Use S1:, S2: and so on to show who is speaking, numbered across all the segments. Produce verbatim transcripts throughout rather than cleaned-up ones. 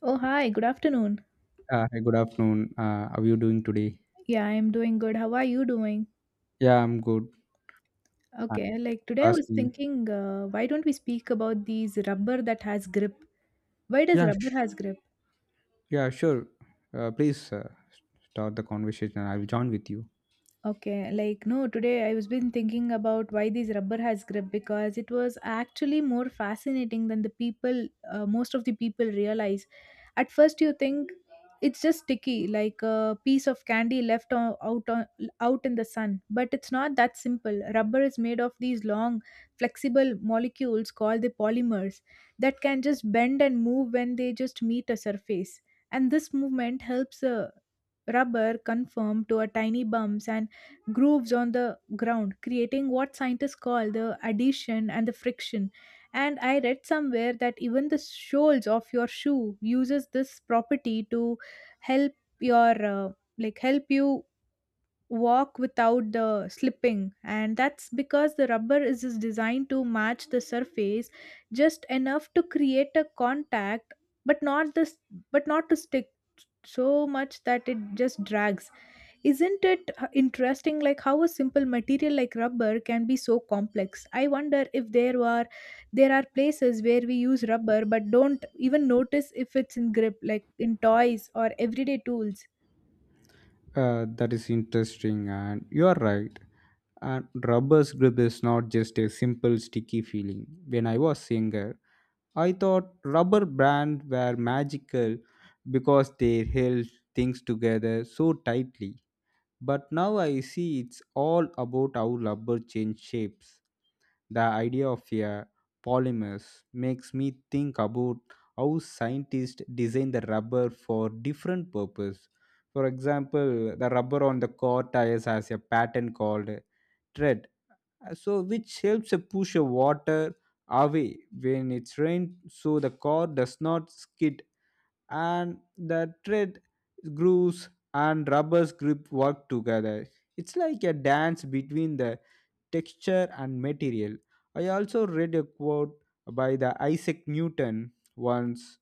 S1: Oh, hi, good afternoon.
S2: Uh, hi, good afternoon. Uh, how are you doing today?
S1: Yeah, I'm doing good. How are you doing?
S2: Yeah, I'm good. Thanks
S1: Okay, like
S2: for
S1: today I was
S2: asking.
S1: thinking, uh, why don't we speak about these rubber that has grip? Why does
S2: Yeah,
S1: rubber
S2: sh-
S1: has grip?
S2: yeah, sure. Uh, please uh, start the conversation. I will join with you.
S1: Okay, like no, today I was been thinking about why these rubber has grip because it was actually more fascinating than the people, uh, most of the people realize. At first you think it's just sticky like a piece of candy left o- out on, out in the sun, but it's not that simple. Rubber is made of these long flexible molecules called the polymers that can just bend and move when they just meet a surface, and this movement helps uh, rubber conform to a tiny bumps and grooves on the ground, creating what scientists call the adhesion and the friction. And I read somewhere that even the soles of your shoe uses this property to help your uh, like help you walk without the slipping, and that's because the rubber is just designed to match the surface just enough to create a contact, but not this but not to stick so much that it just drags. Isn't it h- interesting like how a simple material like rubber can be so complex? I wonder if there are there are places where we use rubber but don't even notice if it's in grip, like in toys or everyday tools.
S2: Uh, that is interesting, and you are right. And rubber's grip is not just a simple sticky feeling. When I was younger, I thought rubber bands were magical because they held things together so tightly. But now I see it's all about how rubber changes shapes. The idea of a polymers makes me think about how scientists design the rubber for different purpose. For example, the rubber on the car tires has a pattern called tread, so which helps to push the water away when it's rained, so the car does not skid and the thread grooves and rubber's grip work together. It's like a dance between the texture and material. I also read a quote by the Isaac Newton once.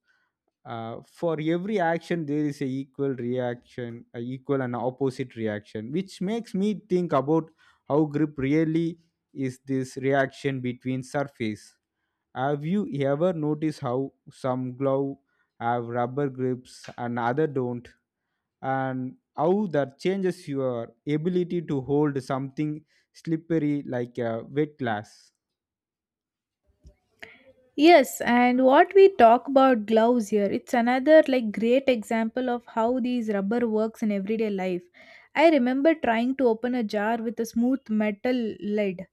S2: Uh, for every action, there is a equal reaction, a equal and opposite reaction, which makes me think about how grip really is this reaction between surface. Have you ever noticed how some glove have rubber grips and other don't, and how that changes your ability to hold something slippery like a wet glass?
S1: Yes, and what we talk about gloves here, it's another like great example of how these rubber works in everyday life. I remember trying to open a jar with a smooth metal lid,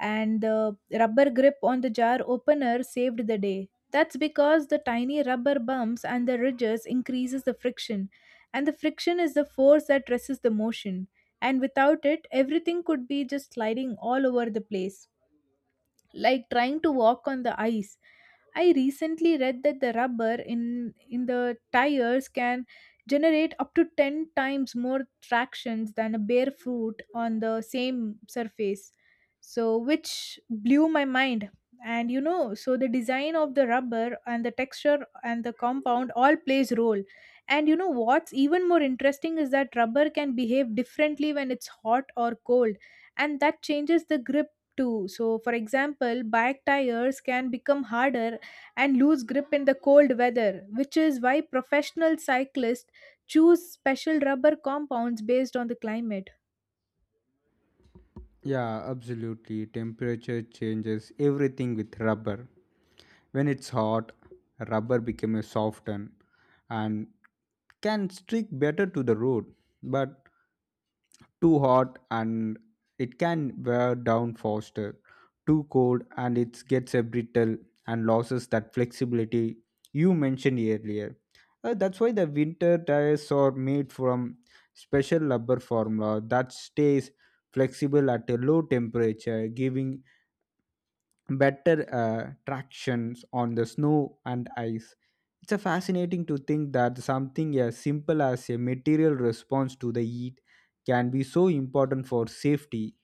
S1: and the rubber grip on the jar opener saved the day. That's because the tiny rubber bumps and the ridges increases the friction, and the friction is the force that resists the motion. And without it, everything could be just sliding all over the place, like trying to walk on the ice. I recently read that the rubber in in the tires can generate up to ten times more tractions than a bare foot on the same surface. So which blew my mind. And you know, so the design of the rubber and the texture and the compound all plays role. And you know what's even more interesting is that rubber can behave differently when it's hot or cold, and that changes the grip too. So, for example, bike tires can become harder and lose grip in the cold weather, which is why professional cyclists choose special rubber compounds based on the climate.
S2: Yeah, absolutely. Temperature changes everything with rubber. When it's hot, rubber becomes softened and can stick better to the road. But too hot and it can wear down faster, too cold and it gets a brittle and loses that flexibility you mentioned earlier. Uh, that's why the winter tires are made from special rubber formula that stays flexible at a low temperature giving better uh, tractions on the snow and ice. It's a fascinating to think that something as simple as a material response to the heat can be so important for safety.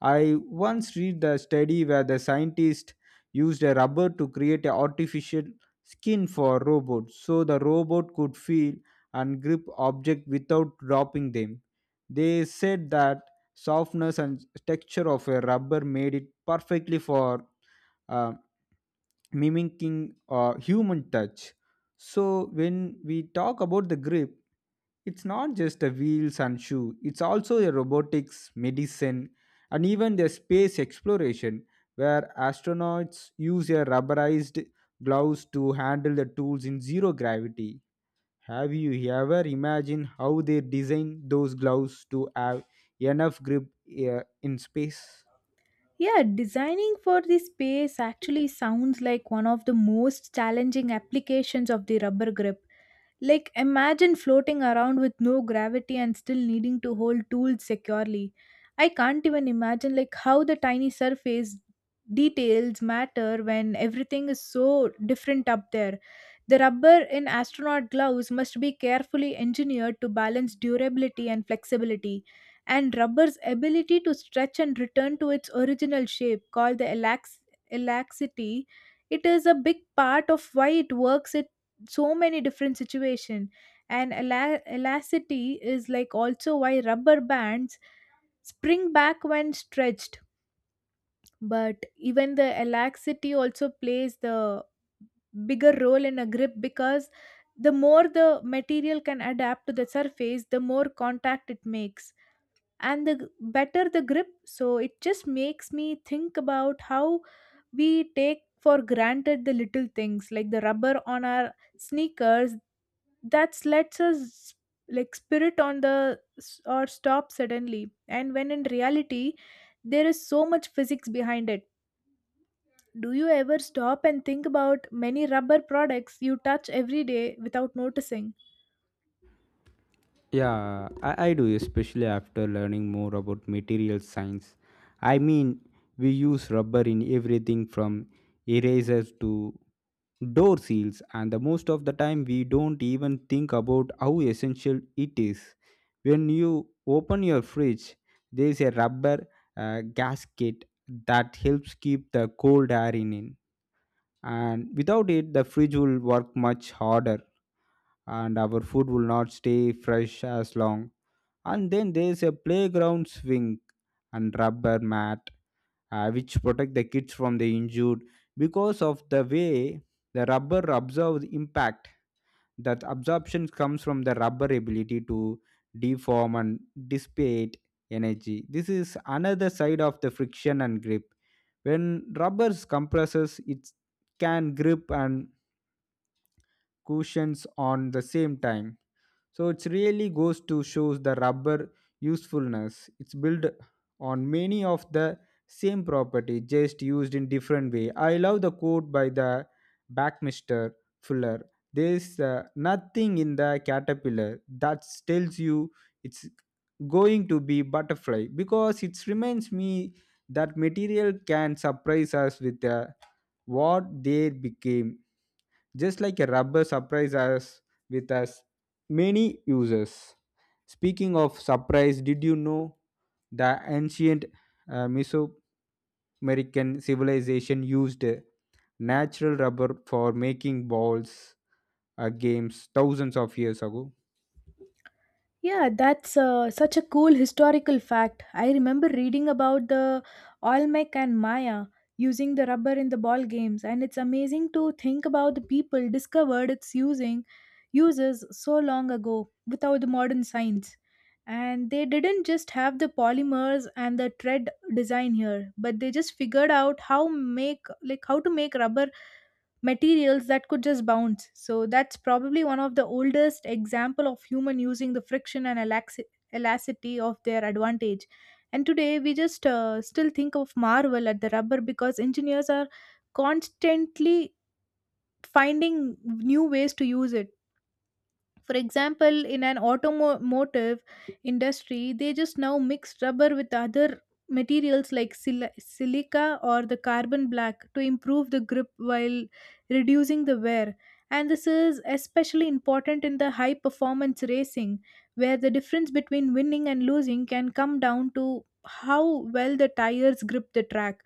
S2: I once read the study where the scientist used a rubber to create an artificial skin for robots so the robot could feel and grip objects without dropping them. They said that softness and texture of a rubber made it perfectly for uh, mimicking uh, human touch. So, when we talk about the grip, it's not just the wheels and shoe, it's also a robotics, medicine, and even the space exploration, where astronauts use a rubberized gloves to handle the tools in zero gravity. Have you ever imagined how they design those gloves to have enough grip uh, in space?
S1: Yeah, designing for the space actually sounds like one of the most challenging applications of the rubber grip. Like, imagine floating around with no gravity and still needing to hold tools securely. I can't even imagine like how the tiny surface details matter when everything is so different up there. The rubber in astronaut gloves must be carefully engineered to balance durability and flexibility, and rubber's ability to stretch and return to its original shape, called the elax- elasticity, it is a big part of why it works it so many different situation. And ela- elasticity is like also why rubber bands spring back when stretched, but even the elasticity also plays the bigger role in a grip because the more the material can adapt to the surface the more contact it makes, and the g- better the grip. So it just makes me think about how we take for granted the little things like the rubber on our sneakers that lets us like spirit on the s- or stop suddenly, and when in reality there is so much physics behind it. Do you ever stop and think about many rubber products you touch every day without noticing?
S2: Yeah, I, I do, especially after learning more about material science. I mean, we use rubber in everything from erasers to door seals, and the most of the time we don't even think about how essential it is. When you open your fridge, there is a rubber uh, gasket that helps keep the cold air in, in, and without it, the fridge will work much harder and our food will not stay fresh as long. And then there's a playground swing and rubber mat uh, which protect the kids from the injured because of the way the rubber absorbs impact. That absorption comes from the rubber ability to deform and dissipate energy. This is another side of the friction and grip. When rubber compresses, it can grip and cushions on the same time. So it really goes to shows the rubber usefulness. It's built on many of the same property, just used in different way. I love the quote by the Backmister Fuller. There's uh, nothing in the caterpillar that tells you it's going to be butterfly because it reminds me that material can surprise us with uh, what they became just like a rubber surprise us with a many uses. Speaking of surprise, did you know the ancient uh, Mesoamerican civilization used uh, natural rubber for making balls, uh, games thousands of years ago?
S1: Yeah, that's uh, such a cool historical fact. I remember reading about the Olmec and Maya using the rubber in the ball games, and it's amazing to think about the people discovered its using uses so long ago without the modern science. And they didn't just have the polymers and the tread design here, but they just figured out how make like how to make rubber materials that could just bounce. So that's probably one of the oldest example of human using the friction and elaxi- elasticity of their advantage. And today we just uh, still think of marvel at the rubber because engineers are constantly finding new ways to use it. For example, in an automotive industry they just now mix rubber with other materials like sil- silica or the carbon black to improve the grip while reducing the wear. And this is especially important in the high performance racing where the difference between winning and losing can come down to how well the tires grip the track.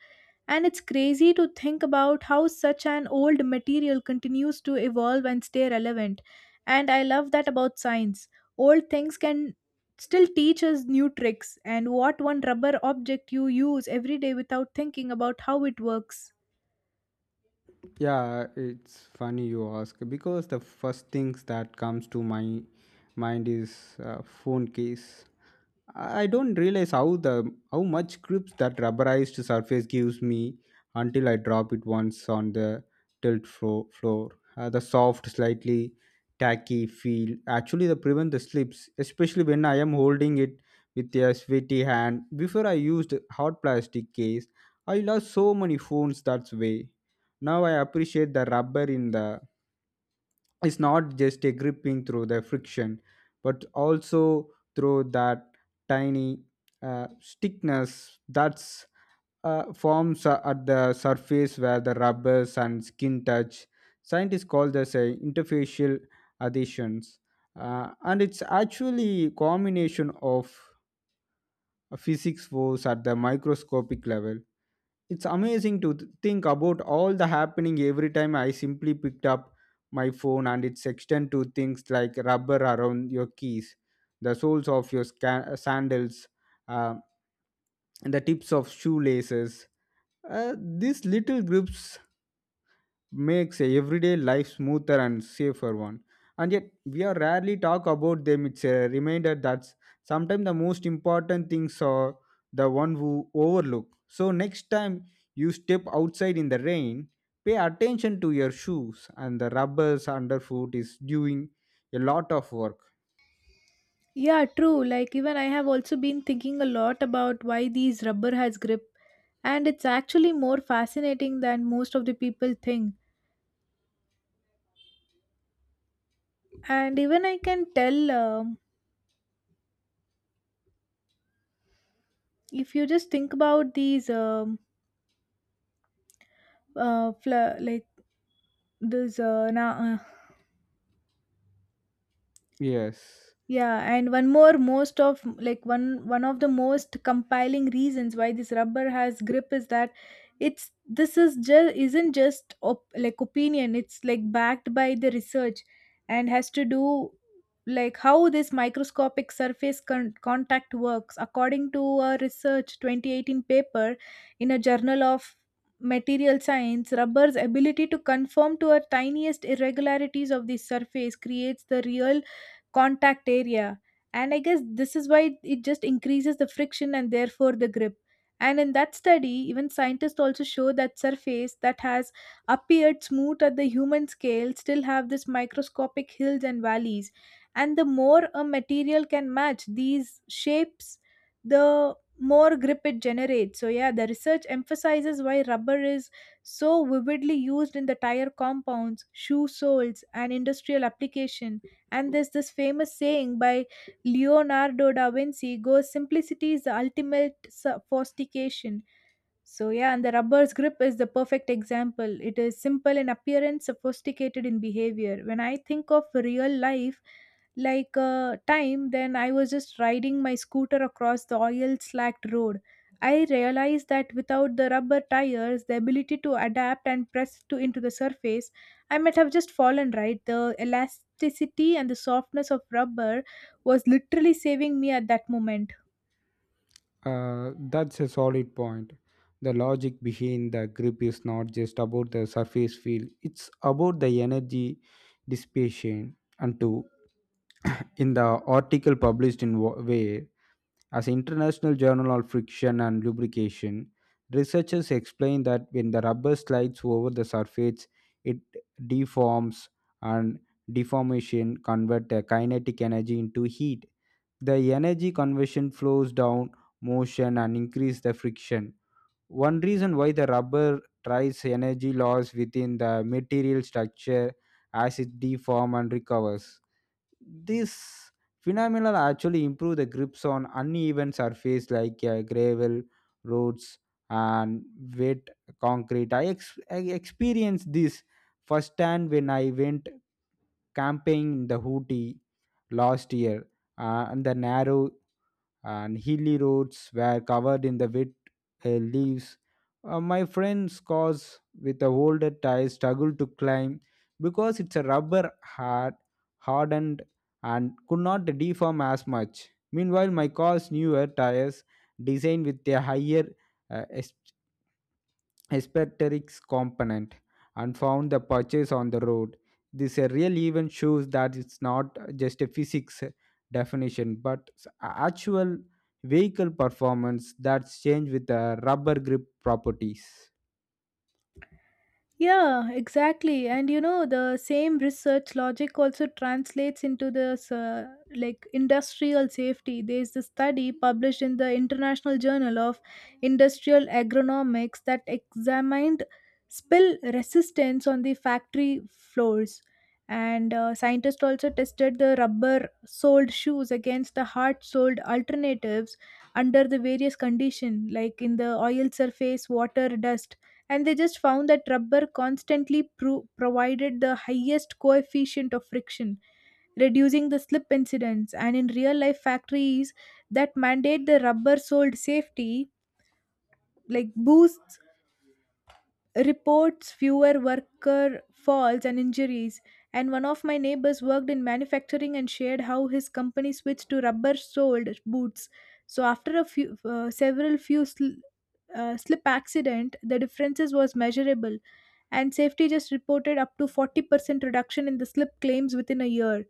S1: And it's crazy to think about how such an old material continues to evolve and stay relevant, and I love that about science. Old things can still teach us new tricks. And what one rubber object you use every day without thinking about how it works?
S2: Yeah, it's funny you ask because the first things that comes to my mind is uh, phone case. I don't realize how the how much grip that rubberized surface gives me until I drop it once on the tilt flo- floor. Uh, the soft, slightly tacky feel actually the prevent the slips, especially when I am holding it with a sweaty hand. Before I used hot plastic case, I lost so many phones that way. Now I appreciate the rubber in the it's not just a gripping through the friction but also through that tiny uh, stickness that's uh, forms a- at the surface where the rubbers and skin touch. Scientists call this a interfacial adhesions. Uh, and it's actually combination of physics force at the microscopic level. It's amazing to th- think about all the happening every time I simply picked up my phone and it's extend to things like rubber around your keys, the soles of your sca- sandals, uh, and the tips of shoelaces. Uh, these little grips makes everyday life smoother and safer one, and yet we are rarely talk about them. It's a reminder that sometimes the most important things are the one who overlook. So next time you step outside in the rain, pay attention to your shoes and the rubbers underfoot is doing a lot of work.
S1: Yeah, true. Like even I have also been thinking a lot about why these rubber has grip, and it's actually more fascinating than most of the people think. And even I can tell um, if you just think about these um, uh, fla like these uh, na- uh,
S2: Yes.
S1: Yeah, and one more most of like one one of the most compiling reasons why this rubber has grip is that it's this is just isn't just op- like opinion, it's like backed by the research and has to do like how this microscopic surface con- contact works according to a research twenty eighteen paper in a journal of material science. Rubber's ability to conform to our tiniest irregularities of the surface creates the real contact area. And I guess this is why it just increases the friction and therefore the grip. And in that study, even scientists also show that surface that has appeared smooth at the human scale still have this microscopic hills and valleys. And the more a material can match these shapes, the more grip it generates. So yeah, the research emphasizes why rubber is so vividly used in the tire compounds, shoe soles, and industrial application. And there's this famous saying by Leonardo da Vinci goes simplicity is the ultimate sophistication. So, yeah, and the rubber's grip is the perfect example. It is simple in appearance, sophisticated in behavior. When I think of real life, like uh, time, then I was just riding my scooter across the oil slacked road. I realized that without the rubber tires, the ability to adapt and press to into the surface, I might have just fallen right. The elasticity and the softness of rubber was literally saving me at that moment.
S2: Uh, that's a solid point. The logic behind the grip is not just about the surface feel, it's about the energy dissipation. And two, in the article published in Wa- Way as International Journal of Friction and Lubrication, researchers explain that when the rubber slides over the surface, it deforms and deformation convert the kinetic energy into heat. The energy conversion flows down motion and increase the friction. One reason why the rubber tries energy loss within the material structure as it deforms and recovers. This phenomena actually improve the grips on uneven surface like uh, gravel, roads, and wet concrete. I, ex- I experienced this firsthand when I went camping in the Hootie last year uh, and the narrow and hilly roads were covered in the wet uh, leaves. Uh, my friend's cars with the older tires struggled to climb because its a rubber had hardened and could not deform as much. Meanwhile, my car's newer tires, designed with a higher uh, aesthetics component and found the purchase on the road. This uh, real event shows that it's not just a physics definition, but s- actual vehicle performance that's changed with the rubber grip properties.
S1: Yeah, exactly. And you know, the same research logic also translates into this uh, like industrial safety. There's a study published in the International Journal of Industrial Agronomics that examined spill resistance on the factory floors. And uh, scientists also tested the rubber soled shoes against the hard soled alternatives under the various conditions, like in the oil surface, water, dust, and they just found that rubber constantly pro- provided the highest coefficient of friction, reducing the slip incidents. And in real life factories that mandate the rubber soled safety like boosts, reports fewer worker falls and injuries. And one of my neighbors worked in manufacturing and shared how his company switched to rubber soled boots. So after a few uh, several few sl- uh, slip accident, the differences was measurable, and safety just reported up to forty percent reduction in the slip claims within a year.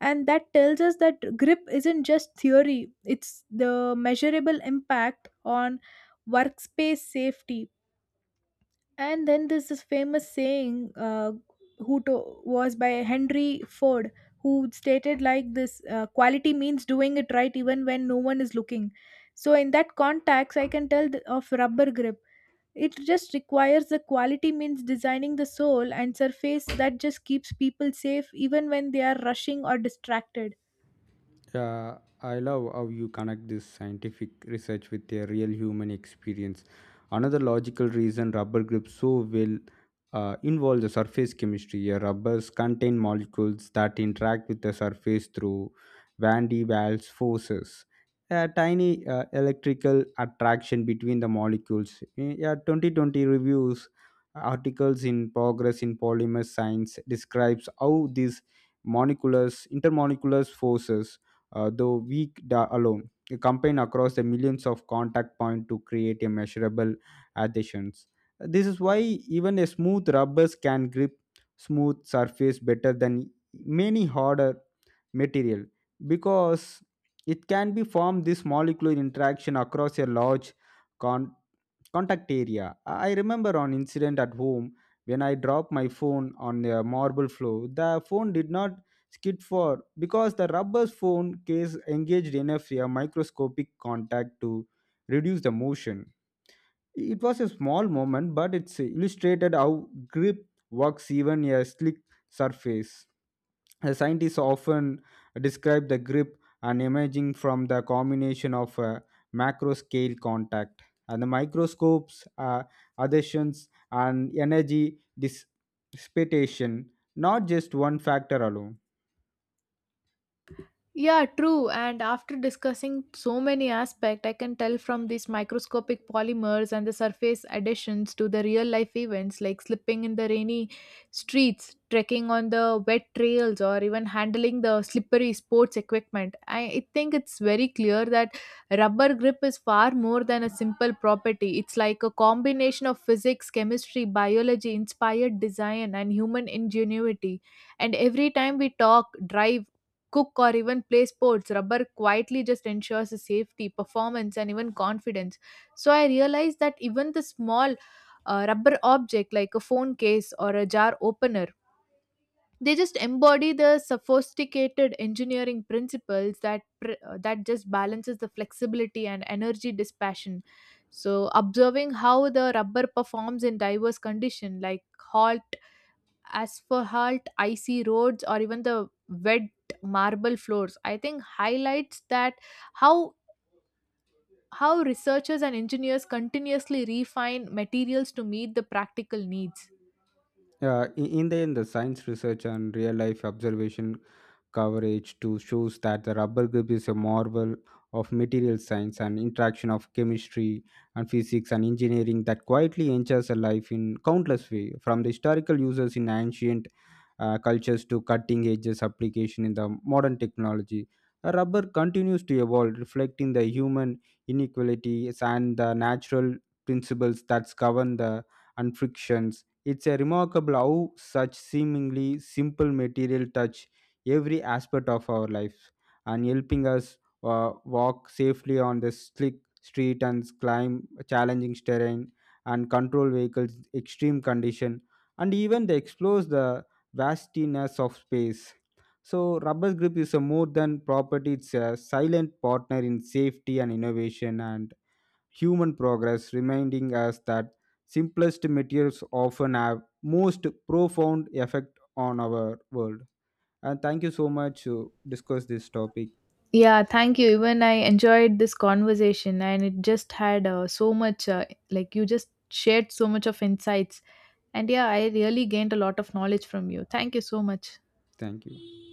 S1: And that tells us that grip isn't just theory, it's the measurable impact on workspace safety. And then there's this famous saying uh, who to- was by Henry Ford who stated like this uh, quality means doing it right even when no one is looking. So in that context I can tell th- of rubber grip, it just requires the quality means designing the soul and surface that just keeps people safe even when they are rushing or distracted.
S2: Yeah, I love how you connect this scientific research with a real human experience. Another logical reason rubber grips so well uh, involve the surface chemistry. Yeah, rubbers contain molecules that interact with the surface through Van de Waals forces. A tiny uh, electrical attraction between the molecules. Yeah, twenty twenty reviews articles in progress in polymer science describes how these molecular intermolecular forces uh, though weak da- alone. The campaign across the millions of contact points to create a measurable adhesions. This is why even a smooth rubbers can grip smooth surface better than many harder material because it can be formed this molecular interaction across a large con- contact area. I remember an incident at home when I dropped my phone on the marble floor. The phone did not skid for because the rubber phone case engaged enough a microscopic contact to reduce the motion. It was a small moment, but it's illustrated how grip works even a slick surface. The scientists often describe the grip and imaging from the combination of a macro scale contact and the microscopes, uh, adhesions, and energy dissipation, not just one factor alone.
S1: Yeah, true. And after discussing so many aspects, I can tell from these microscopic polymers and the surface additions to the real life events like slipping in the rainy streets, trekking on the wet trails, or even handling the slippery sports equipment. I, I think it's very clear that rubber grip is far more than a simple property. It's like a combination of physics, chemistry, biology, inspired design, and human ingenuity. And every time we talk, drive, cook or even play sports, rubber quietly just ensures the safety, performance, and even confidence. So I realized that even the small uh, rubber object like a phone case or a jar opener, they just embody the sophisticated engineering principles that pr- uh, that just balances the flexibility and energy dispassion. So observing how the rubber performs in diverse condition like hot as for halt, icy roads, or even the wet marble floors, I think highlights that how how researchers and engineers continuously refine materials to meet the practical needs.
S2: Uh, in in the end, the science research and real life observation coverage to shows that the rubber grip is a marvel of material science and interaction of chemistry and physics and engineering that quietly enters a life in countless way from the historical uses in ancient uh, cultures to cutting edges application in the modern technology. The rubber continues to evolve, reflecting the human inequalities and the natural principles that govern the and frictions. It's a remarkable how such seemingly simple material touch every aspect of our life and helping us uh, walk safely on the slick street and climb challenging terrain and control vehicles extreme condition and even they explore the vastiness of space. So rubber grip is a more than property; it's a silent partner in safety and innovation and human progress, reminding us that simplest materials often have most profound effect on our world. And thank you so much to discuss this topic.
S1: Yeah, thank you. Even I enjoyed this conversation, and it just had uh, so much uh, like you just shared so much of insights. And yeah, I really gained a lot of knowledge from you. Thank you so much.
S2: Thank you.